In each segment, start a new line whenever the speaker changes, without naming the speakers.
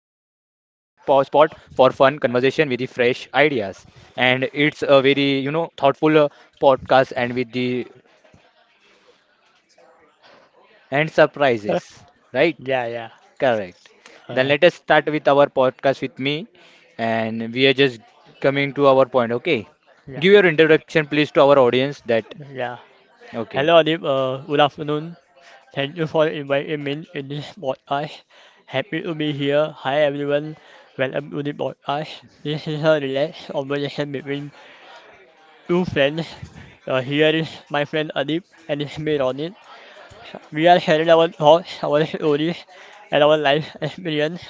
for fun conversation with the fresh ideas. And it's a very, you know, thoughtful podcast and with the and surprises, right?
Yeah, yeah.
Correct. Then
Uh,
let us start with our podcast with me, and we are just coming to our point. Okay,
yeah,
give your introduction, please, to our audience. That
yeah.
okay,
Hello, Adib. Good afternoon. Thank you for inviting me in this podcast. Happy to be here. Hi, everyone. Welcome to the podcast. This is a relaxed conversation between two friends. Here is my friend Adib and his mate on it. We are sharing our thoughts, our stories, and our life experience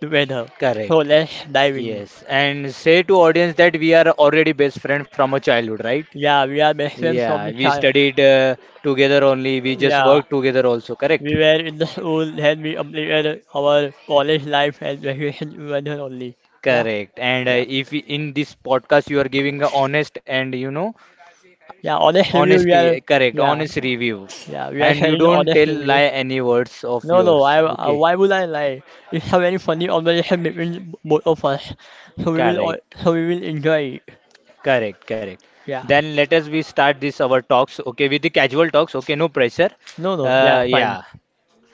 together. So
correct.
let's dive in.
Yes, and say to audience that we are already best friend from a childhood, right?
Yeah, we are best friends from the
Yeah, we
child.
studied together only. We just
Yeah.
worked together also, correct?
We were in the school, then we completed our college life and graduation together only. Yeah,
Correct. And
yeah.
if we- in this podcast you are giving a honest and you know
Yeah, honest review, we
honesty,
are,
correct,
yeah,
honest review,
yeah, we are
and you
sharing the
don't
honest
tell
review.
lie any words of
No, no,
yours. Okay,
why would I lie? It's a very funny conversation between both of us, so we will,
correct,
so we will enjoy it.
correct.
Yeah,
Then let us we start this our talks. Okay, with the casual talks. Okay, no pressure.
no, no, yeah, fine.
Yeah.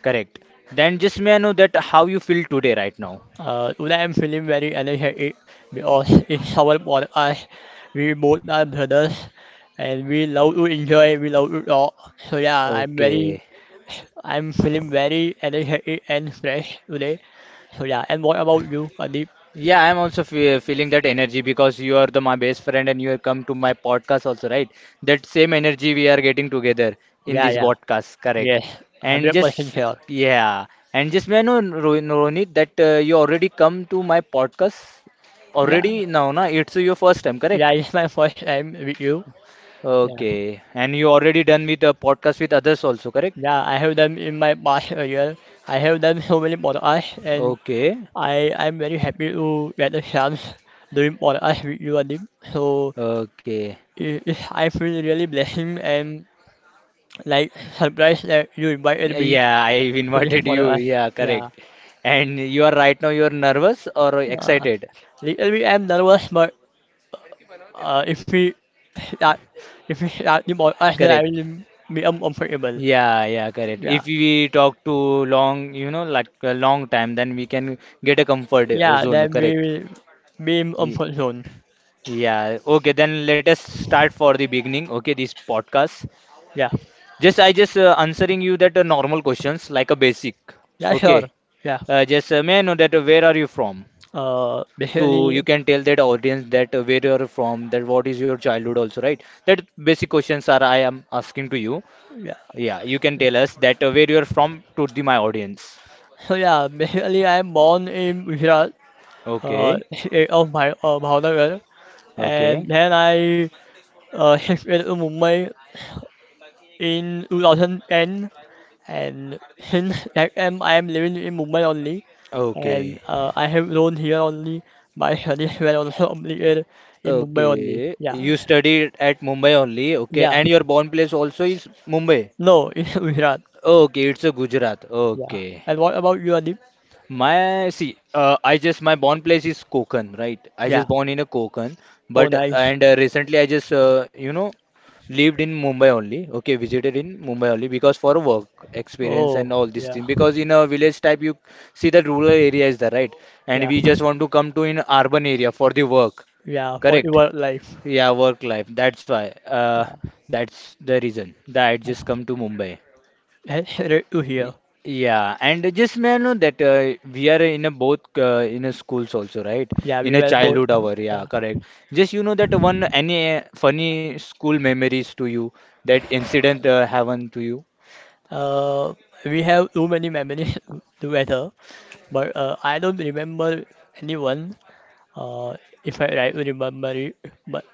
Correct. Then just may I know that how you feel today right now?
Today I'm feeling very energetic because it's our podcast. We both are brothers, and we love to enjoy, we love to talk. So yeah,
Okay.
I'm feeling very energetic and fresh today. So yeah, and what about you, Adib?
Yeah, I'm also fe feeling that energy because you are the my best friend and you have come to my podcast also, right? That same energy we are getting together in
Yeah,
this
yeah,
podcast, correct?
yes,
And
100%
just
sure.
yeah, and just may I know, Ronit, that you already come to my podcast
Yeah,
already now, na? It's your first time, correct?
yeah, it's my first time with you. Yeah,
Okay, and you already done with the podcast with others also, correct?
yeah, I have done in my past career. I have done so many podcasts, and
Okay,
I'm very happy to get a chance doing podcast with you, Adib. So
okay.
I feel really blessed and like surprised that you invited me
Yeah, I've
to this
invited you.
podcast.
Yeah,
Yeah.
correct. And you are right now, you're nervous or
Uh,
excited.
Little bit I'm nervous, but if we, uh, if we yung all then I
Correct.
will be uncomfortable.
Yeah, yeah, correct.
Yeah.
If we talk too long, you know, like a long time, then we can get a comfort
Yeah,
zone.
then we
Correct.
will be in
Ye-
comfort zone.
Yeah. Okay, then let us start for the beginning. Okay, this podcast.
Yeah.
Just I just answering you that normal questions like a basic.
Yeah, sure.
Okay.
Yeah.
Just may I know that where are you from?
Uh,
To you
basically,
can tell that audience that where you're from, that what is your childhood also, right? That basic questions are I am asking to you.
yeah.
Yeah, you can tell us that where you're from to the my audience.
So yeah, basically I'm born in Gujarat,
Okay,
state of my Bhavnagar, and
okay,
then I shifted to Mumbai in 2010. And since that time I am living in Mumbai only, and
okay,
I have grown here only. My studies were also completed in Mumbai only.
okay.
Yeah,
You studied at Mumbai only, okay,
yeah.
and your born place also is Mumbai.
No, in Gujarat.
Okay, it's a Gujarat.
Yeah.
Okay,
And what about you, Adib?
my see, I just my born place is Konkan, right? I
Yeah.
just born in a Konkan,
Oh,
but
nice.
and recently I just you know lived in Mumbai only. Okay, visited in Mumbai only because for work experience
Oh,
and all this
yeah,
thing. Because in a village type, you see that rural area is there, right? And
yeah,
we just want to come to in urban area for the work.
yeah. For
Correct.
your life.
Yeah, work life. That's why.
Yeah,
That's the reason that I just
yeah.
come to Mumbai.
That's great to
Y-
hear.
Yeah, and just may I know that we are in a both in a schools also, right?
Yeah,
In
we
a
were both.
childhood hour, yeah,
Yeah.
correct. Just you know that one any funny school memories to you that incident happen to you?
Uh, we have too many memories together, but I don't remember anyone. Uh, if I right remember it, but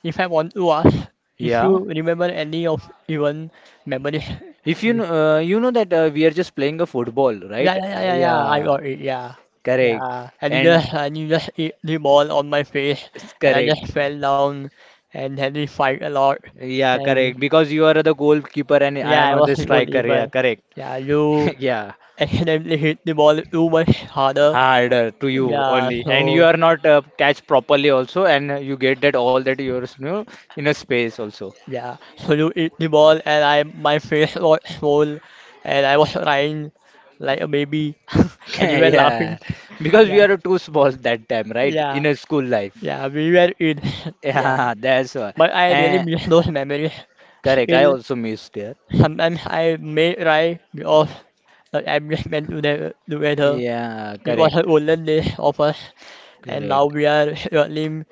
if I want to ask, if
Yeah.
you remember any of even memory,
If you
yeah,
know, you know that we are just playing a football, right?
yeah, yeah, yeah, yeah, I
Yeah,
got it, yeah,
correct.
yeah, and you
And
just and you just hit the ball on my face,
it's
and I
correct.
just fell down, and had to fight a lot.
Yeah,
Then
correct. Because you are the goalkeeper and I
yeah,
am
I was
the
the
striker. Yeah,
goalkeeper.
correct.
Yeah, you
Yeah.
accidentally hit the ball too much harder.
Harder to you
Yeah,
only and you
so
are not catch properly also and you get that all that you're you know, in a space also
Yeah, so you eat the ball and I my face was swole and I was crying like a baby and you were
yeah,
laughing.
because we
Yeah,
are too small that time right
yeah,
in a school life
yeah, we were in yeah.
yeah, that's why
But I really
and
miss those memories.
correct, I
Still
also missed there,
sometimes I may cry because the adjustment to the together.
yeah,
It was
correct,
the golden days of us and now
correct.
we are struggling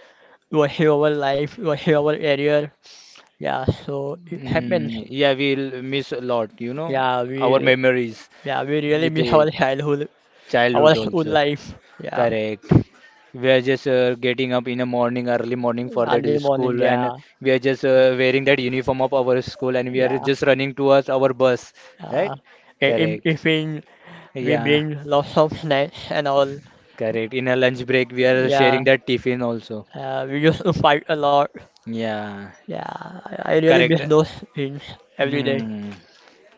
to achieve our life, to achieve our career. Yeah, so it happens.
Mm, yeah, we'll miss a lot, you know,
Yeah,
our
we
memories
yeah, we really
with
miss
the
our childhood, our
childhood
school
also.
life. Yeah,
Correct. We are just getting up in the morning, early morning for that
early morning.
school, and
Yeah,
we are just wearing that uniform of our school, and we are
yeah.
just running towards our bus, right?
Uh, in
Correct.
evening, we
Yeah,
bring lots of snacks and all.
correct. In a lunch break, we are
Yeah,
sharing that tiffin also.
we used to fight a lot.
Yeah,
Yeah, I really
correct.
miss those things every day.
Hmm.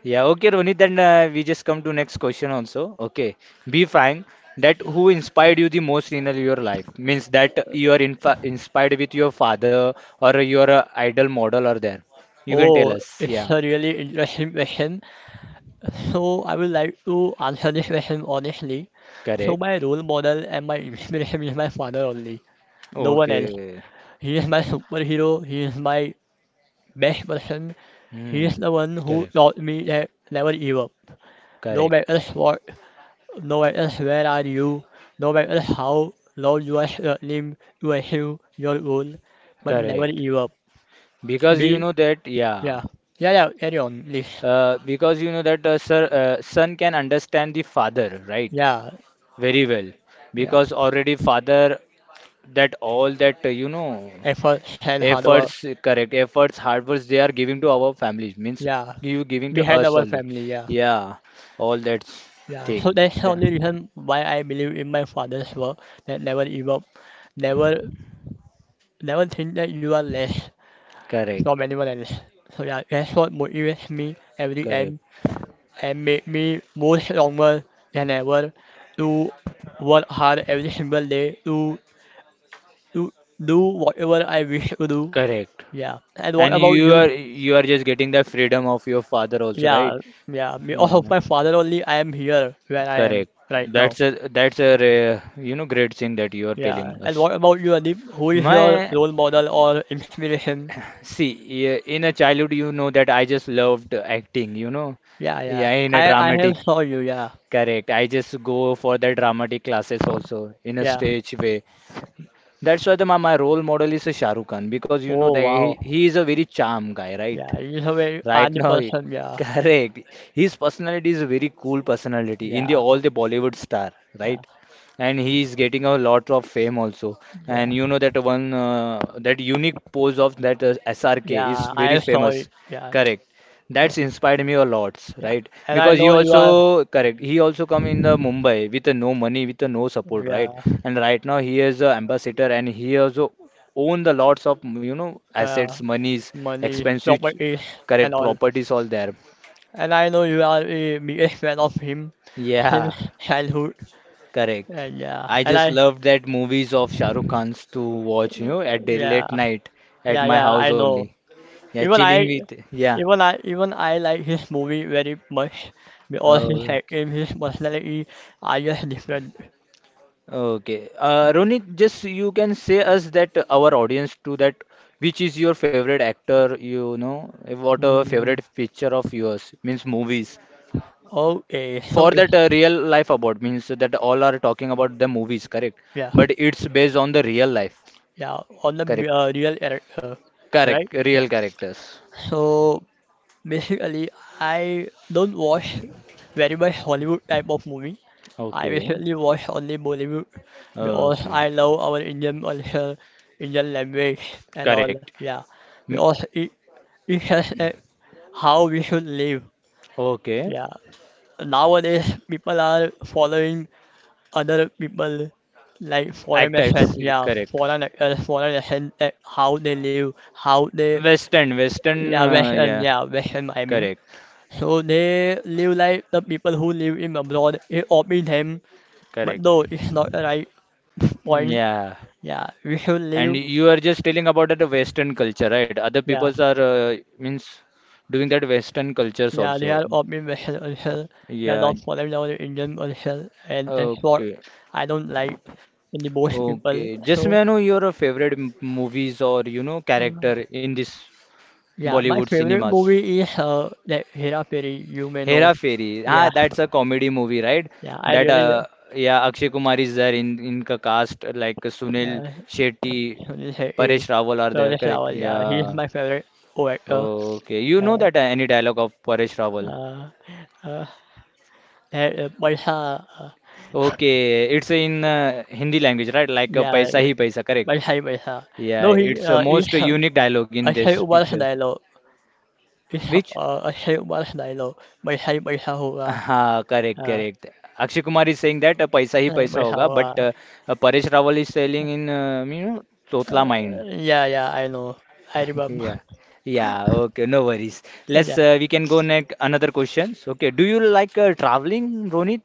Yeah, okay, Ronit. Then we just come to next question also. Okay, be frank. That who inspired you the most in your life means that you are infa inspired with your father or your idol model or there. You can
Oh,
tell us.
it's a
Yeah,
really interesting question. So I would like to answer this question honestly. So
correct.
my role model and my inspiration is my father only. No one else.
Okay.
He is my superhero. He is my best person, he is
Hmm.
the one who
Correct.
taught me that never give up. No matter
Correct.
what, no matter where are you, no matter how long you are struggling to achieve your goal, but never
Correct.
give up.
Because you
Me,
know that.
yeah,
Yeah.
yeah, yeah, carry on, please.
Because you know that sir, son can understand the father, right?
Yeah,
Very well.
yeah,
Because already father that all that you know
effort and hard work.
efforts correct efforts hard works they are giving to our families means
Yeah,
you giving to
behind
us
our
only,
family, yeah.
yeah, all that
Yeah, so
thing.
that's the only reason why I believe in my father's work that never give up, never never think that you are less, so
Correct,
many more than so that that's what motivates me every time
correct,
and make me more stronger than ever to work hard every single day to do whatever I wish to do.
correct,
Yeah. And what
and
about you?
you are just getting the freedom of your father also, right?
Yeah, yeah. Because of
Yeah,
my father only I am here where I am
correct.
right now.
That's a that's a rare, you know, great thing that you are telling
Yeah. And
us.
what about you, Adib? Who is your
My
role model or inspiration?
see, yeah, in a childhood you know that I just loved acting, you know,
Yeah, yeah.
yeah, in a
I have
dramatic
saw you, yeah.
correct. I just go for the dramatic classes also in a
Yeah.
stage way. That's why my role model is a Shah Rukh Khan because you know
Oh
that
wow.
he is a very charm guy, right?
Yeah, you are a very
Right
funny
now,
person, yeah.
correct. His personality is a very cool personality in the
Yeah,
all the Bollywood star,
yeah,
right? And he is getting a lot of fame also.
yeah,
And you know that one that unique pose of that SRK is
yeah. I
very
saw it.
famous,
Yeah,
correct?
yeah,
That's inspired me a lot,
yeah.
right?
And I
Because he
know you
also
are.
correct. He also come in the Mumbai with no money, with no support, right?
Yeah,
And right now he is a ambassador and he also own the lots of, you know,
yeah.
assets monies
Money,
expensive
property, and
correct
all.
properties all there.
And I know you are a biggest fan of him him
Yeah,
childhood.
correct.
And yeah,
I
and
just
I.
love that movies of Shah Rukh Khan's to watch, you know, at the
Yeah,
late night at
yeah,
my
yeah. I
house only.
know.
Yeah,
Even
chilling
I.
with, yeah.
Even I like his movie very much because his
Okay.
acting, his personality are just different.
Okay. Ronit, just you can say us that our audience to that which is your favorite actor, you know, what a
Mm,
favorite picture of yours means movies.
okay,
For that real life about means that all are talking about the movies, correct?
yeah.
But it's based on the real life.
Yeah, on the m-
Correct.
real era-
Correct,
right? Yeah.
real characters.
So basically, I don't watch very much Hollywood type of movie. I
Okay.
basically watch only Bollywood because
Okay.
I love our Indian culture, Indian language, and all.
Correct.
Yeah,
Mm,
because it has how we should live.
okay.
Yeah. Nowadays, people are following other people like foreign
Actors,
accent, yeah,
correct.
foreign accent, how they live, how they
Western, Western,
Yeah, West
uh,
and
yeah,
yeah, Western I mean,
correct,
So they live like the people who live in abroad. It often them, but no,
correct.
it's not the right point.
Yeah.
Yeah, we should
And
live.
you are just telling about the Western culture, right? Other
Yeah,
peoples are means doing that Western cultures
yeah, they
also.
are often Western also. We are
Yeah.
not following our Indian also, and that's what
Okay.
I don't like in the most people.
Okay. Just
So
may I know your favorite movies or you know
uh,
character in this
yeah, my
Bollywood
favorite
cinemas?
movie is that Hera Fairy. You may know.
Hera Fairy.
Yeah,
Ah, that's a comedy movie, right?
yeah, I
That
really
yeah, Akshay Kumar is there in the cast like Sunil
uh,
Shetty,
this is a-
Paresh Rawal are
no,
there,
this is
correct?
our yeah, he is
Yeah.
my favorite. Oh, actor.
Okay, you know
آآ
that any dialogue of Paresh Rawal.
آآ آآ آآ بَيْحَاء
Okay, it's in Hindi language, right? Like paisa
يعني
hi paisa, correct?
بَيْحَي بَيْحَاء اللي
Yeah,
هو
it's a
هي إيه
most unique dialogue in this
الشيء ملح
picture.
نيله إيه
Which?
آه الشيء ملح نيله بَيْحَي بَيْحَهُ آآ
हाँ correct
آآ
correct Akshay Kumar is saying that पैसा ही पैसा होगा but
بَيْحَهُ
Paresh Rawal is selling in you know तोतला mind
yeah, yeah, I know. I remember.
Yeah. Yeah, okay, no worries. Let's
Yeah.
we can go next another questions. Okay, do you like traveling, Ronit?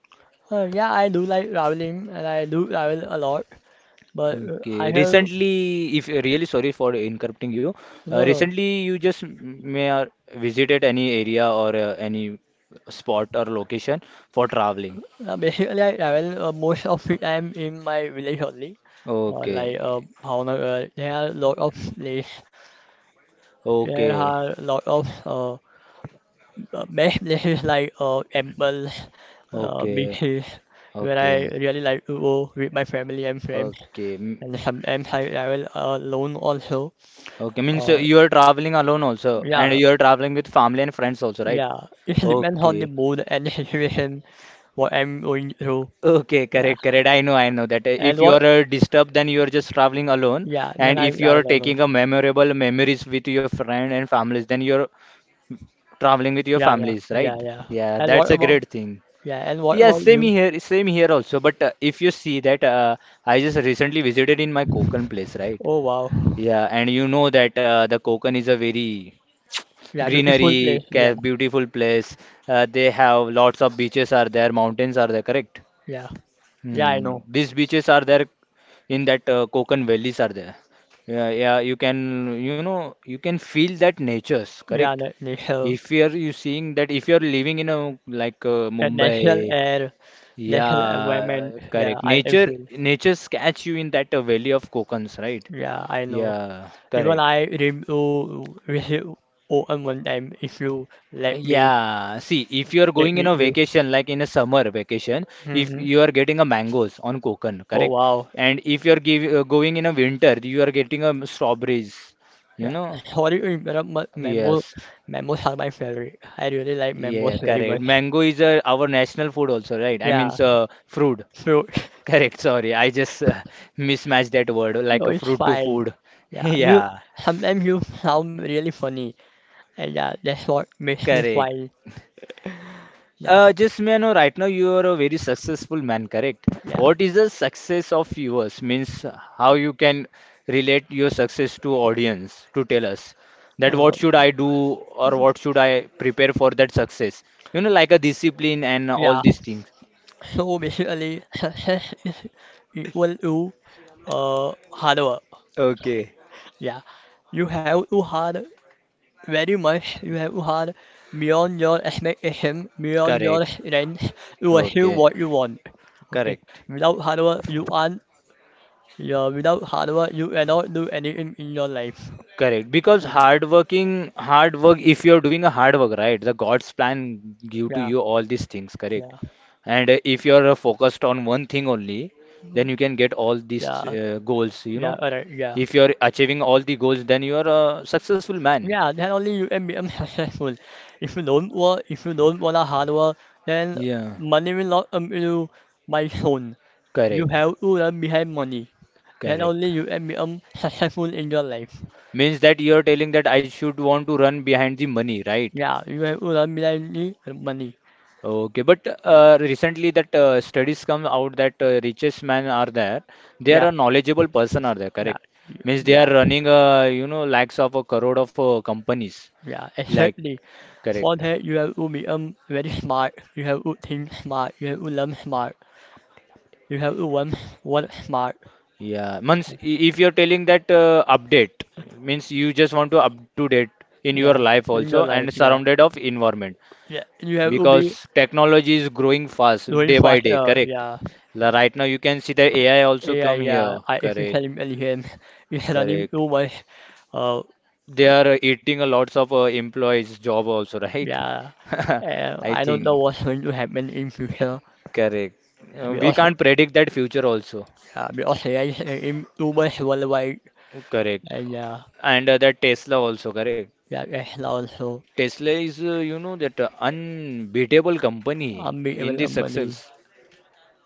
Yeah, I do like traveling and I do travel a lot. But I
Okay,
have
recently, if really sorry for interrupting you.
no no.
Recently, you just m- may visited any area or any spot or location for traveling.
Basically, I travel most of the time in my village only. Like
Okay,
how there are a lot of place There
okay,
are a lot of best places like temple,
okay.
beaches, where
Okay.
I really like to go with my family and friends.
Okay.
And sometimes I travel alone also.
Okay. Means
Uh,
you are traveling alone also, and
yeah,
you are traveling with family and friends also, right?
yeah. It depends on the
Okay.
mood and the situation, what I'm going through.
Okay,
Yeah.
correct, correct. I know that
And
if you
what,
are disturbed, then you are just traveling alone.
yeah, then
And
I
if you are
travel alone.
taking a memorable memories with your friend and families, then you're traveling with your
Yeah, yeah,
families,
yeah,
right?
yeah.
Yeah,
And
that's
what
a
about,
great thing.
yeah, and what
Yes,
about
same
you?
here, same here also. But if you see that, I just recently visited in my Konkan place, right?
Oh, wow.
Yeah, and you know that the Konkan is a very
Yeah, beautiful
greenery,
place. Yeah,
cave, beautiful place. They have lots of beaches are there, mountains are there, correct?
yeah. Yeah, I
Hmm.
know.
These beaches are there in that Konkan valleys are there. Yeah, yeah, you can, you know, you can feel that nature's
Yeah,
correct.
the natural,
If you seeing that if you're living in a like
the natural
Mumbai,
air, natural environment.
yeah,
Yeah,
correct.
I am
Nature,
feel.
nature catch you in that valley of Kokans, right?
Yeah, I know.
Yeah,
Even
correct.
I dream to visit Oman one time if you let me
Yeah, see, if you are
get
going in
with
a
you.
vacation, like in a summer vacation, if
Hmm.
you are getting a mangoes on Konkan,
Oh
correct?
wow.
And if you are going in a winter, you are getting a strawberries, you
Yeah.
know?
How do you remember? Memos,
Yes,
memos are my favorite. I really like
yeah,
memos very
correct.
much.
Mango is our national food also, right? I mean,
Yeah.
fruit.
So,
Correct, sorry, I just mismatched that word, like
so
a
it's
fruit to
fine.
food.
Yeah. You
Yeah,
sometimes you sound really funny, and yeah, that's what makes me
correct,
smile. Yeah.
Just may I know right now you are a very successful man, correct?
Yeah.
What is the success of yours? Means how you can relate your success to audience to tell us that
Um,
what should I do or what should I prepare for that success? You know, like a discipline and all
yeah.
these things.
So basically, success is equal to hard work.
Okay,
Yeah, you have to hard very much. You have to hard beyond your expectation, beyond your
correct.
strength to achieve
Okay,
what you want. Okay,
correct.
without hard work, you aren't. Yeah, without hard work, you cannot do anything in your life.
Correct,
Uh,
because hard working, hard work, if you're doing a hard work, right, the God's plan give to
yeah,
you all these things, correct?
yeah,
And if you're focused on one thing only, then you can get all these
yeah,
goals, you
yeah.
know.
Alright, yeah.
If you're achieving all the goals, then you are a successful man.
Yeah, then only you can become successful. If you don't work, if you don't want a hard work, then
Yeah,
money will not come to you by soon. You
correct,
have to learn behind money. Then
correct.
only you can become successful in your life.
Means that you're telling that I should want to run behind the money, right?
Yeah, you have to learn behind the money.
Okay, but recently that studies come out that richest men are there. They
Yeah,
are a knowledgeable person are there,
yeah,
correct? Means they
yeah,
are running you know lakhs of a crore of companies.
yeah,
Like
exactly.
correct.
For that, you have to become very smart. You have to think smart. You have to learn smart. You have to work, work smart.
Yeah. Means if you're telling that update means you just want to up to date in your
Yeah,
life
in
also
your
and
life, yeah.
surrounded of environment
Yeah, you have to be
because technology is growing fast
doing
day by day,
fire,
correct?
yeah,
Right now you can see the AI also
yeah,
come here,
yeah. I if we
correct?
can imagine him, we had a new
Correct.
woman. Uh,
They are eating a lots of employees' job also, right?
yeah.
I
I don't know
think
what's going to happen in future
correct.
Yeah,
We can't predict that future also.
because there is in Dubai worldwide
Correct.
and yeah,
And that Tesla also, correct.
yeah, and also
Tesla is, you know, that unbeatable company in
unbeatable
this
company.
success.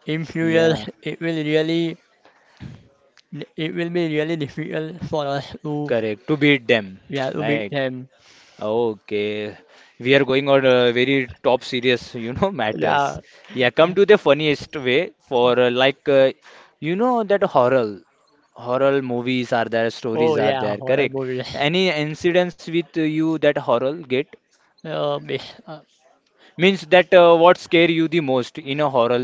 In few
Yeah,
years, it will really it will be really difficult for us to
correct. To beat them,
yeah to beat
right?
them.
Okay, we are going on a very top serious, you know, matters.
Yeah.
Yeah, come to the funniest way for you know, that horror movies are there,
Oh
stories are
yeah,
there,
horror
correct?
movie.
Any incidents with you that horror get?
Uh, this, uh,
Means that what scare you the most in a horror,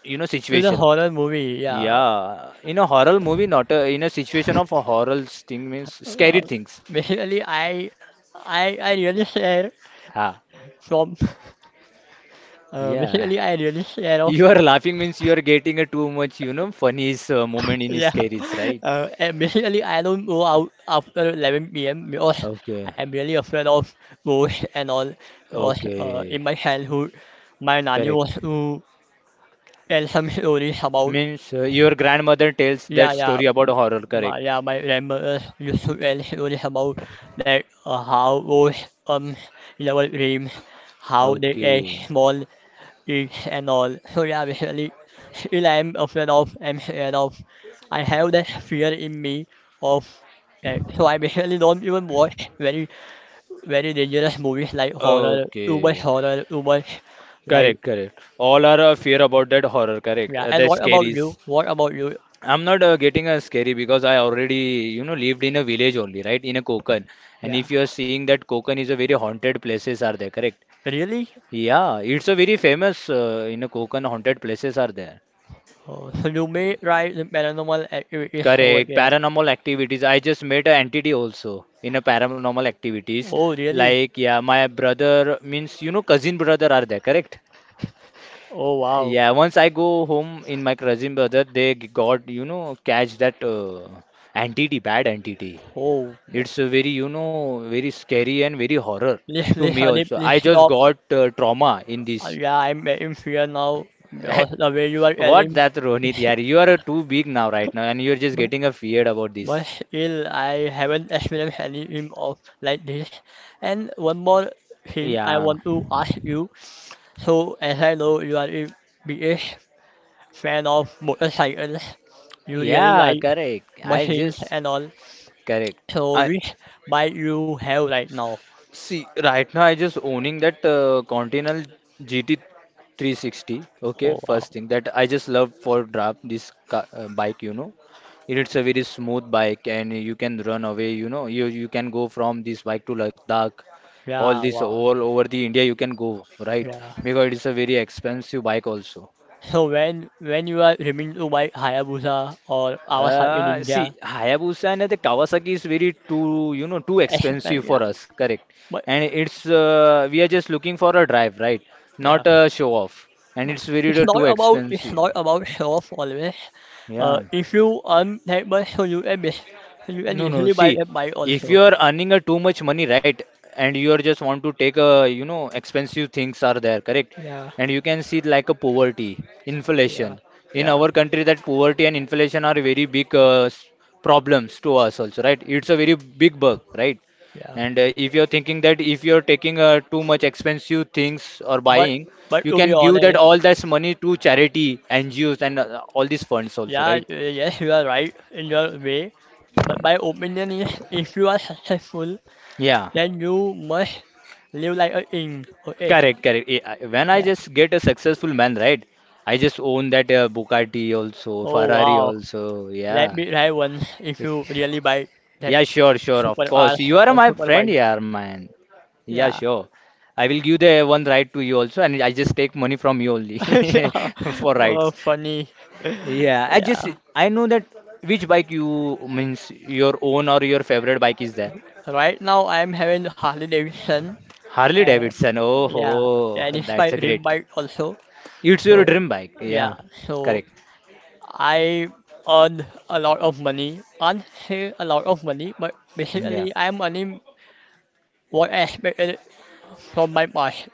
you know,
it's a
situation?
horror movie. Yeah.
Yeah, in a horror movie, not in a situation of a horror thing means
Uh,
scary things.
Basically, I really share
Ha,
from
yeah.
basically I really share of
You are laughing means you are getting a too much, you know, funny moment in his
yeah.
careers, right?
And basically, I don't go out after 11 p.m. because
Okay,
I'm really afraid of ghosts and all. Because in
okay,
my childhood, my nanny was
correct.
to tell some stories about
Means your grandmother tells
yeah
that
yeah.
story about horror,
My,
correct?
yeah, my grandmother used to tell stories about like how ghosts in our dreams, how they get
Okay,
small gigs and all. So yeah, basically, still I'm afraid of, I'm scared of. I have that fear in me of that. So I basically don't even watch very, very dangerous movies like
okay,
horror, too much like
correct, correct. All are fear about that horror, correct?
yeah. And
That
what about you?
scaries.
What about you?
I'm not getting a scary because I already, you know, lived in a village only, right? In a Konkan, and
Yeah,
if you are seeing that Konkan is a very haunted places are there, correct?
really?
Yeah, it's a very famous in a Konkan haunted places are there.
Oh, so you may try the paranormal activities over
Correct.
there.
Paranormal activities. I just met an entity also in a paranormal activities.
Oh, really?
Like yeah, my brother means you know cousin brother are there. Correct.
Oh wow.
Yeah. Once I go home in my cousin brother, they got you know catch that entity, bad entity.
Oh,
It's a very you know very scary and very horror
please,
to
please,
me
Anip,
also.
please
I just
stop.
got trauma in this.
Yeah, I'm getting fear now because the way you are
What
telling,
that Rohit, yeah, you are too big now right now, and you're just
but
getting a feared about
but
this.
still I haven't experienced any dream of like this. And one more thing I
Yeah,
want to ask you. So as I know you are a biggest fan of motorcycles, you really
yeah,
like
correct. I
machines
just
and all.
correct.
So
I
which bike you have right now?
see right now. I just owning that Continental GT 360. Okay,
Oh wow.
first thing that I just love for draft this bike. You know, it's a very smooth bike, and you can run away. You know, you can go from this bike to Ladakh all
Yeah,
this
wow.
all over the India you can go, right?
Yeah.
Because it is a very expensive bike also.
So when you are dreaming to buy Hayabusa or Kawasaki
See,
Ninja.
Hayabusa and the Kawasaki is very too, you know, too expensive for us, correct?
But yeah,
And
but
it's we are just looking for a drive, right?
yeah,
Not a show off. And
but
it's very
it's
the
not
too
about it's
expensive.
not about health always.
Yeah.
If you earn that much, so you can
No, no.
easily buy
See,
a bike
if
also.
you are earning a too much money, right, and you are just want to take a, you know, expensive things are there, correct?
Yeah,
And you can see like a poverty,
yeah,
inflation. In
yeah,
our country, that poverty and inflation are very big problems to us also, right? It's a very big bug, right?
yeah.
And if you're thinking that if you're taking too much expensive things or
But
buying,
but
you
to be
can give that
honest,
all that money to charity, NGOs, and all these funds also,
yeah,
right?
yes, you are right in your way. But my opinion is, if you are successful,
Yeah.
then you must live like a king. Okay,
Correct, correct. Eh, when I
yeah.
just get a successful man, right? I just own that Bugatti also,
Oh
Ferrari
wow,
also.
let
Yeah.
me try one if you really buy that.
Yeah, sure, sure.
Super
Of
R
course. You are
and
my
super
friend
bike.
here, man. Yeah,
Yeah.
sure. I will give the one ride to you also, and I just take money from you only
Yeah.
for
Oh,
rides.
funny.
Yeah,
Yeah.
I know that which bike you means your own or your favorite bike is there.
Right now I'm having Harley Davidson.
Harley
Uh,
Davidson. Oh,
yeah.
ho,
And it's my
that's a
dream
great.
bike also.
It's your
So
dream bike.
yeah.
Yeah,
So
correct.
I earn a lot of money. Can't say a lot of money, but
Yeah.
basically I'm earning what I expected from my past.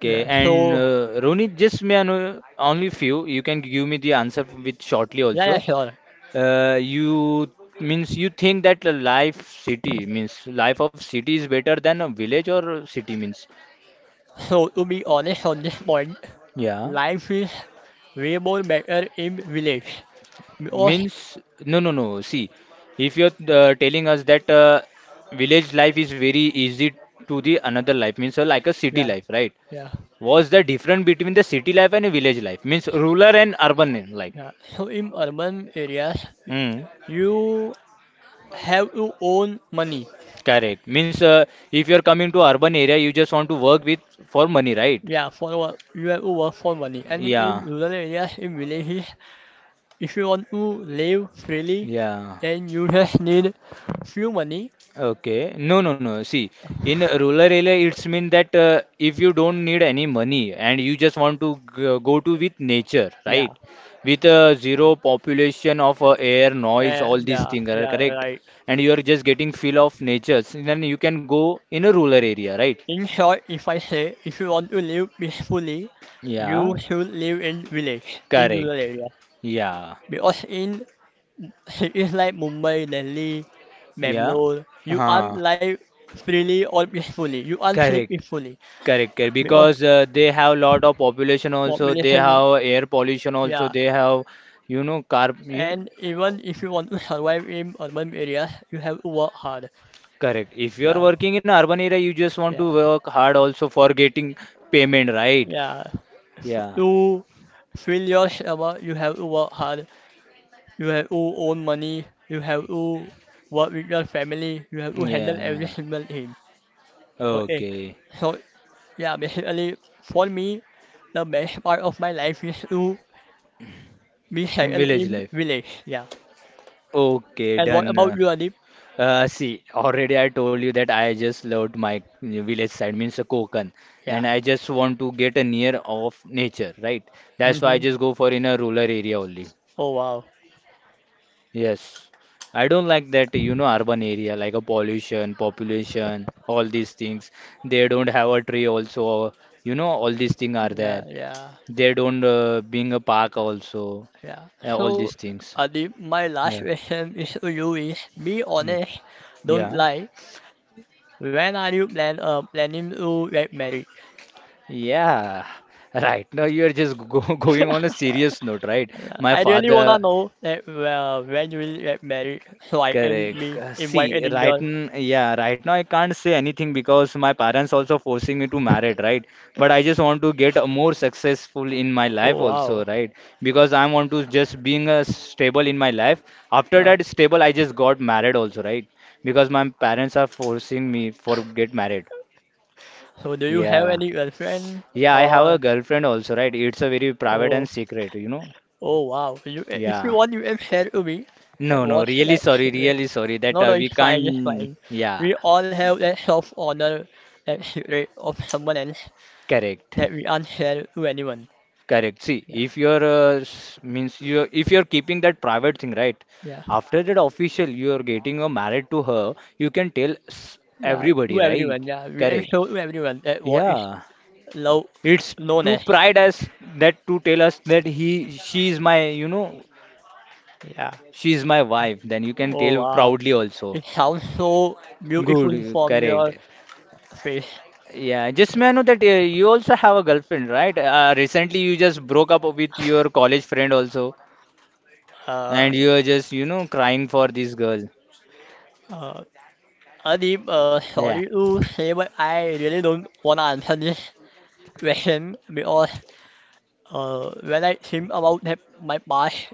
Yeah.
and
So
Ronit, just may I know only few. You can give me the answer with shortly
yeah, yeah,
also.
sure.
You means you think that the life city means life of city is better than a village or city means
So to be honest on this point,
yeah
life is way more better in village because
means no no no. See, if you're telling us that village life is very easy to the another life means like a city
yeah,
life, right?
yeah,
What's the difference between the city life and a village life means rural and urban life?
yeah. So in urban areas,
Hmm.
you have to own money.
Correct. Means if you're coming to urban area, you just want to work with for money, right?
Yeah, for work, you have to work for money. And in
Yeah,
rural areas, in villages, if you want to live freely,
yeah.
then you just need few money.
Okay. No, no, no. See, in a rural area, it's mean that if you don't need any money and you just want to go to with nature,
Yeah,
right? With zero population of air, noise, all
and
these
yeah,
things are
yeah,
correct.
right.
And you are just getting feel of nature. So then you can go in a rural area, right?
In short, if I say, if you want to live peacefully, you
Yeah.
should live in village, in rural
Correct.
areas.
Yeah.
Because in cities like Mumbai, Delhi,
Yeah.
Bangalore, you can't
Huh.
live freely or peacefully. You can't sleep
Correct,
peacefully
correct, correct.
because
Because they have lot of population also, they
population,
have air pollution also,
yeah.
they have, you know, car. You know,
And even if you want to survive in urban areas, you have to work hard.
correct. If you are
Yeah,
working in urban area, you just want
yeah,
to work hard also for getting payment, right?
yeah.
Yeah,
To feel yourself, you have to work hard. You have to own money. You have to work with your family. You have to handle every
yeah.
single thing. Okay.
Okay.
So yeah, basically for me, the best part of my life is to be settled
Village
in
life.
village. Yeah.
Okay,
And what about
done.
you, Adib?
See, already I told you that I just loved my village side, means a Konkan,
Yeah.
and I just want to get a near of nature, right? That's why I
Hmm.
just go for in a rural area only.
Oh wow.
Yes, I don't like that, you know, urban area like a pollution, population, all these things. They don't have a tree also, you know, all these things are
Yeah,
there.
yeah,
They don't being a park also,
yeah.
all
So,
these things.
Adib, my last
Yeah.
question is to you is be honest,
Okay.
don't
Yeah.
lie. When are you planning to get married?
Yeah, right. Now you're just go going on a serious note, right?
Yeah,
My
I really wanna
father,
know that well when you will get married, like am
correct.
be
See,
invited in
right,
girl.
yeah, right now I can't say anything because my parents also forcing me to marry, right? But I just want to get a more successful in my life
Oh
also,
wow.
right? Because I want to just being a stable in my life. After
Uh,
that stable, I just got married also, right? Because my parents are forcing me for get married.
so do you have
Yeah.
any girlfriend
Yeah, I have a
or
girlfriend also, right? It's a very private
oh,
and secret, you know.
oh wow. You, if you
Yeah.
want you can share to me. That
No,
was
no,
that secret.
really sorry that
No, no,
we
it's fine, it's
can't.
fine.
Yeah,
We all have that self honor, that secret of someone else
correct,
that we are not share to anyone.
correct. See,
Yeah,
if you're means you if you're keeping that private thing, right?
yeah,
After that official, you're getting married to her, you can tell
yeah, to
everybody, right?
everyone, yeah, we can
Correct.
show to everyone that what is
Yeah,
love
it's
known
too
as.
pride us that to tell us that he she is my you know
Yeah.
she is my wife. Then you can
Oh
tell
wow.
proudly also.
It sounds so beautiful
Good,
from
correct.
your face.
Yeah, just may I know that you also have a girlfriend, right? Recently you just broke up with your college friend also,
Uh,
and you are just, you know, crying for this girl.
uh, Adib,
Yeah.
sorry to say, but I really don't want to answer this question because when I think about that, my past,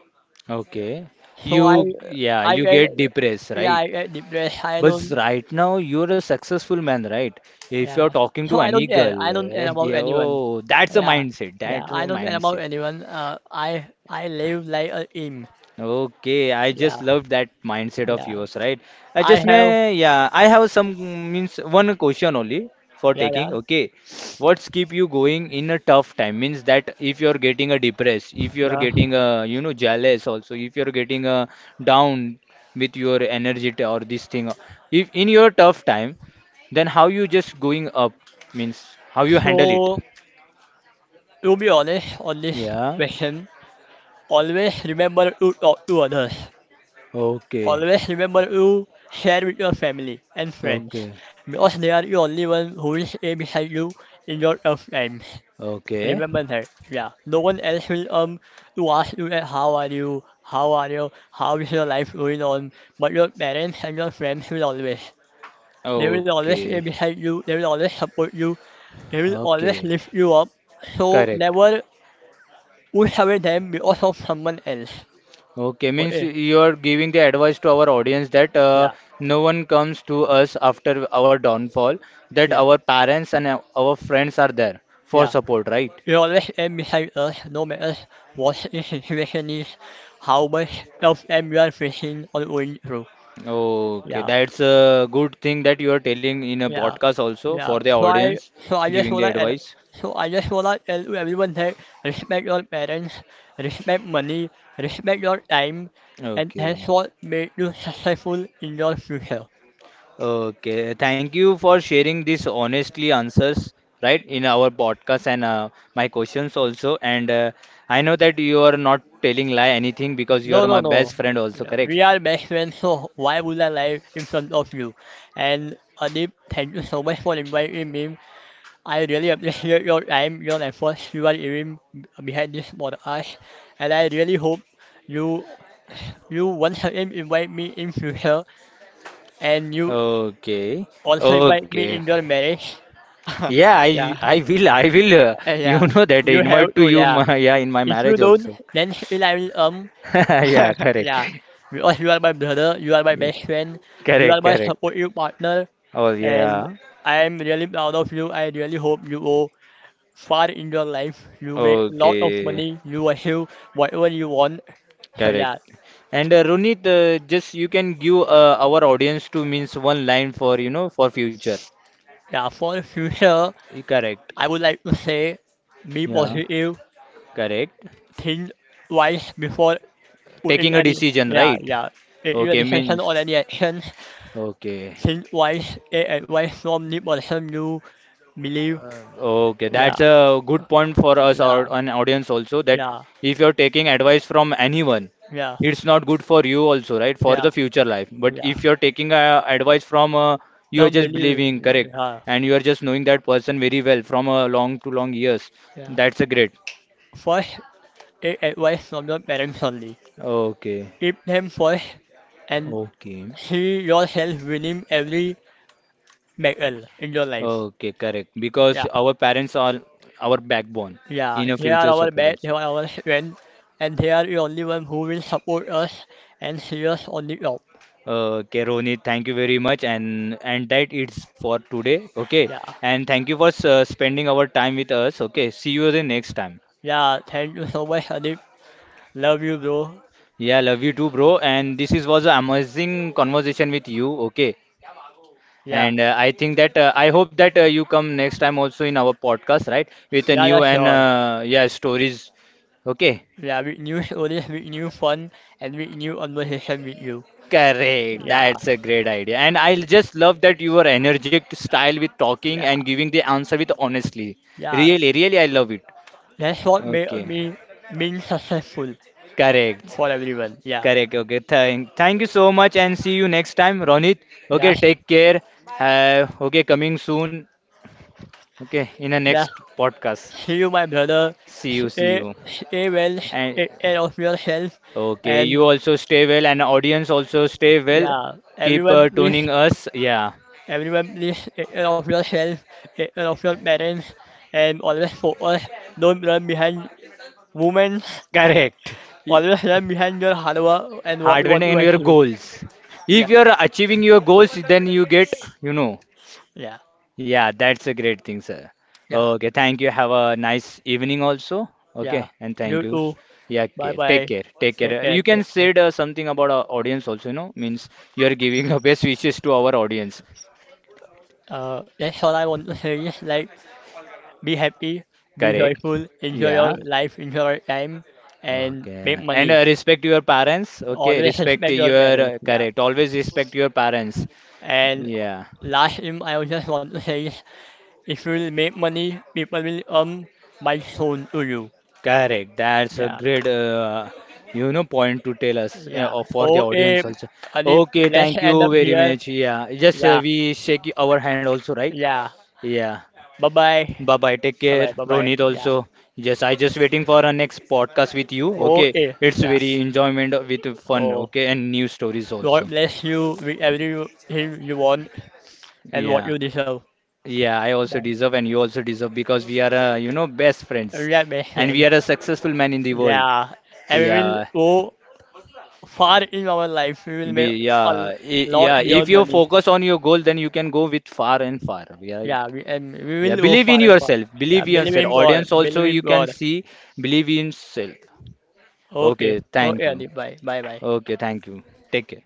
Okay.
so
You, yeah,
I
you
get,
get depressed,
yeah,
right?
I get depressed. I
But
don't,
right now you're a successful man, right? If
yeah.
you're talking
So
to
I
any
don't care.
girl,
I don't care
eh,
about
yeah,
anyone.
oh, that's a
Yeah,
mindset.
yeah.
That's
I
a
don't care about
mindset.
anyone. I live like a king.
Okay, I
Yeah,
just love that mindset of
yeah.
yours, right?
I have,
Yeah, I have some means one question only for
yeah,
taking.
yeah.
Okay, what's keep you going in a tough time? Means that if you're getting a depressed, if you're
Yeah.
getting a you know jealous, also if you're getting a down with your energy or this thing, if in your tough time, then how you just going up means how you handle it?
So, to be honest on this
Yeah.
question, always remember to talk to others.
Okay.
Always remember to share with your family and friends
Okay.
because they are the only one who will stay beside you in your tough times.
Okay.
Remember that. Yeah. No one else will to ask you that how are you, how are you, how is your life going on, but your parents and your friends will always. They will always stay
Okay.
beside you. They will always support you. They will always
Okay,
lift you up. So
correct.
never. We every them, we also someone else.
Okay,
For
means you are giving the advice to our audience that
yeah,
no one comes to us after our downfall, that
yeah,
our parents and our friends are there for
yeah.
support, right?
You always aim beside us, no matter what the situation is, how much else everyone facing or going through.
Okay,
Yeah,
that's a good thing that you are telling in a
yeah,
podcast also
yeah.
for the
So I
audience,
so I just
giving
wanna
the
add,
advice.
so I just wanna tell to everyone that respect your parents, respect money, respect your time, and that's
Okay.
what makes you successful in your future.
Okay, thank you for sharing these honestly answers, right, in our podcast and my questions also. And I know that you are not telling lie anything because you
No,
are
no,
my best
no.
friend also,
Yeah,
correct?
we are best friends, so why would I lie in front of you? And Adib, thank you so much for inviting me. I really appreciate your time, your efforts you are giving behind this podcast, and I really hope you you once again invite me in future, and you
Okay,
also invite me
okay.
in your marriage.
Yeah,
Yeah,
I will you
yeah.
know that I
You have
invite to
to,
you
yeah.
my, yeah in my
If you
marriage
don't,
also.
then still I will um.
Yeah, correct.
Yeah, because you are my brother, you are my
Yeah,
best friend, you are
correct,
my
correct.
supportive partner,
Oh
and
yeah.
I am really proud of you. I really hope you go far in your life. You make a lot of
Okay.
money, you achieve whatever you want. So
Correct.
yeah,
And Runit, just you can give our audience to means one line for you know for future.
yeah, for the future,
Correct.
I would like to say be
Yeah,
positive,
correct.
think twice before
Taking
putting
a
any,
decision,
yeah,
right?
yeah, in your
Okay,
decision
means
or any action.
okay.
Think twice, take advice from the person you believe.
Okay,
Yeah,
that's a good point for us or
yeah.
an audience also that
Yeah,
if you're taking advice from anyone,
yeah,
it's not good for you also, right? For
yeah,
the future life. But
yeah.
if you're taking advice from, you are
Don't
just
believe.
believing, correct?
Yeah,
And you are just knowing that person very well from a long to long years.
yeah.
That's a great.
First, it advice from your parents only.
Okay,
Keep them first and
okay,
see yourself winning every battle in your life.
okay, correct. Because
Yeah,
our parents are our backbone
yeah.
in a
They are
future
our
support
best, they
also.
are our strength, and they are the only one who will support us and see us on the top.
Okay, Ronit, thank you very much, and that it's for today. Okay,
Yeah,
and thank you for spending our time with us. Okay, see you the next time.
yeah. Thank you so much, Adip. Love you, bro.
Yeah, love you too, bro. And this is was an amazing conversation with you. Okay,
Yeah,
and I think that I hope that you come next time also in our podcast, right? With a
yeah, yeah,
new and
sure.
yeah stories. Okay,
Yeah, with new stories, with new fun, and with new conversation with you.
correct.
Yeah.
That's a great idea, and I just love that your energetic style with talking
Yeah,
and giving the answer with honestly.
yeah.
Really, really, I love it.
That's what made
Okay,
me mean successful
correct,
for everyone. Yeah,
correct. Okay, thank you so much, and see you next time, Ronit.
yeah,
Okay, take care. Have okay, coming soon. Okay, in the
yeah.
next podcast.
See you, my brother.
See you, see
Stay,
you.
stay well.
And
Take care of yourself.
okay, you
And
also stay well, and audience also stay well.
yeah,
Keep tuning us. Yeah,
everyone, please take care of yourself. Take care of your parents. And always focus. Don't run behind women.
correct. Y-
Always run behind your hard work and what
Hard
you
work
want to
and your
achieve.
goals.
Yeah,
If you are achieving your goals, then you get, you know.
yeah,
Yeah, that's a great thing, sir.
yeah,
Okay, thank you. Have a nice evening also.
yeah.
Okay, and thank
You
you.
too.
Yeah,
Bye
okay. Take
bye.
care. Take
Take
care.
care.
You can
Take
say
care.
the something about our audience also, you know, means you are giving your best wishes to our audience.
That's all I want to say is like be happy, be
Correct?
joyful, enjoy
Yeah.
your life, enjoy your time, and make
Okay. And
money.
respect your parents. Okay,
Always
respect
respect your
your,
parents, yeah.
correct. Always respect your parents.
And
Yeah.
last thing I would just want to say is if you will make money, people will earn my soon to you.
Correct. That's a
Yeah,
great, you know, point to tell us yeah, or
yeah.
for the
Okay,
audience also.
Adib,
Okay,
let's
thank
end
you
up
very
here.
much. Yeah, just
Yeah,
we shake our hand also, right?
yeah.
Yeah.
Bye bye.
Bye bye. Take
Bye
care,
bye, bye bye.
Ronit
Yeah.
also. Yes, I just waiting for our next podcast with you. Okay,
Okay,
it's
yeah.
very enjoyment with fun.
Oh,
Okay, and new stories
God
also.
bless you with everything you want and what
Yeah,
you deserve
yeah. I also
by
deserve, and you also deserve because we are, you know, best friends,
real best
and we
friend.
are a successful man in the world.
Yeah, and we will
Yeah,
go far in our life. We will make a l- lot
Yeah. If
beyond
you
money.
focus on your goal, then you can go with far and far. Yeah,
Yeah, we and we
yeah.
will go
Believe in
far and far.
yourself. Believe
Yeah,
in
believe
yourself.
in God.
Audience
Believe
also
in
you can
God.
see. Believe in self.
Okay,
Okay,
okay,
thank you.
Adib, bye, bye, bye.
Okay, thank you. Take care.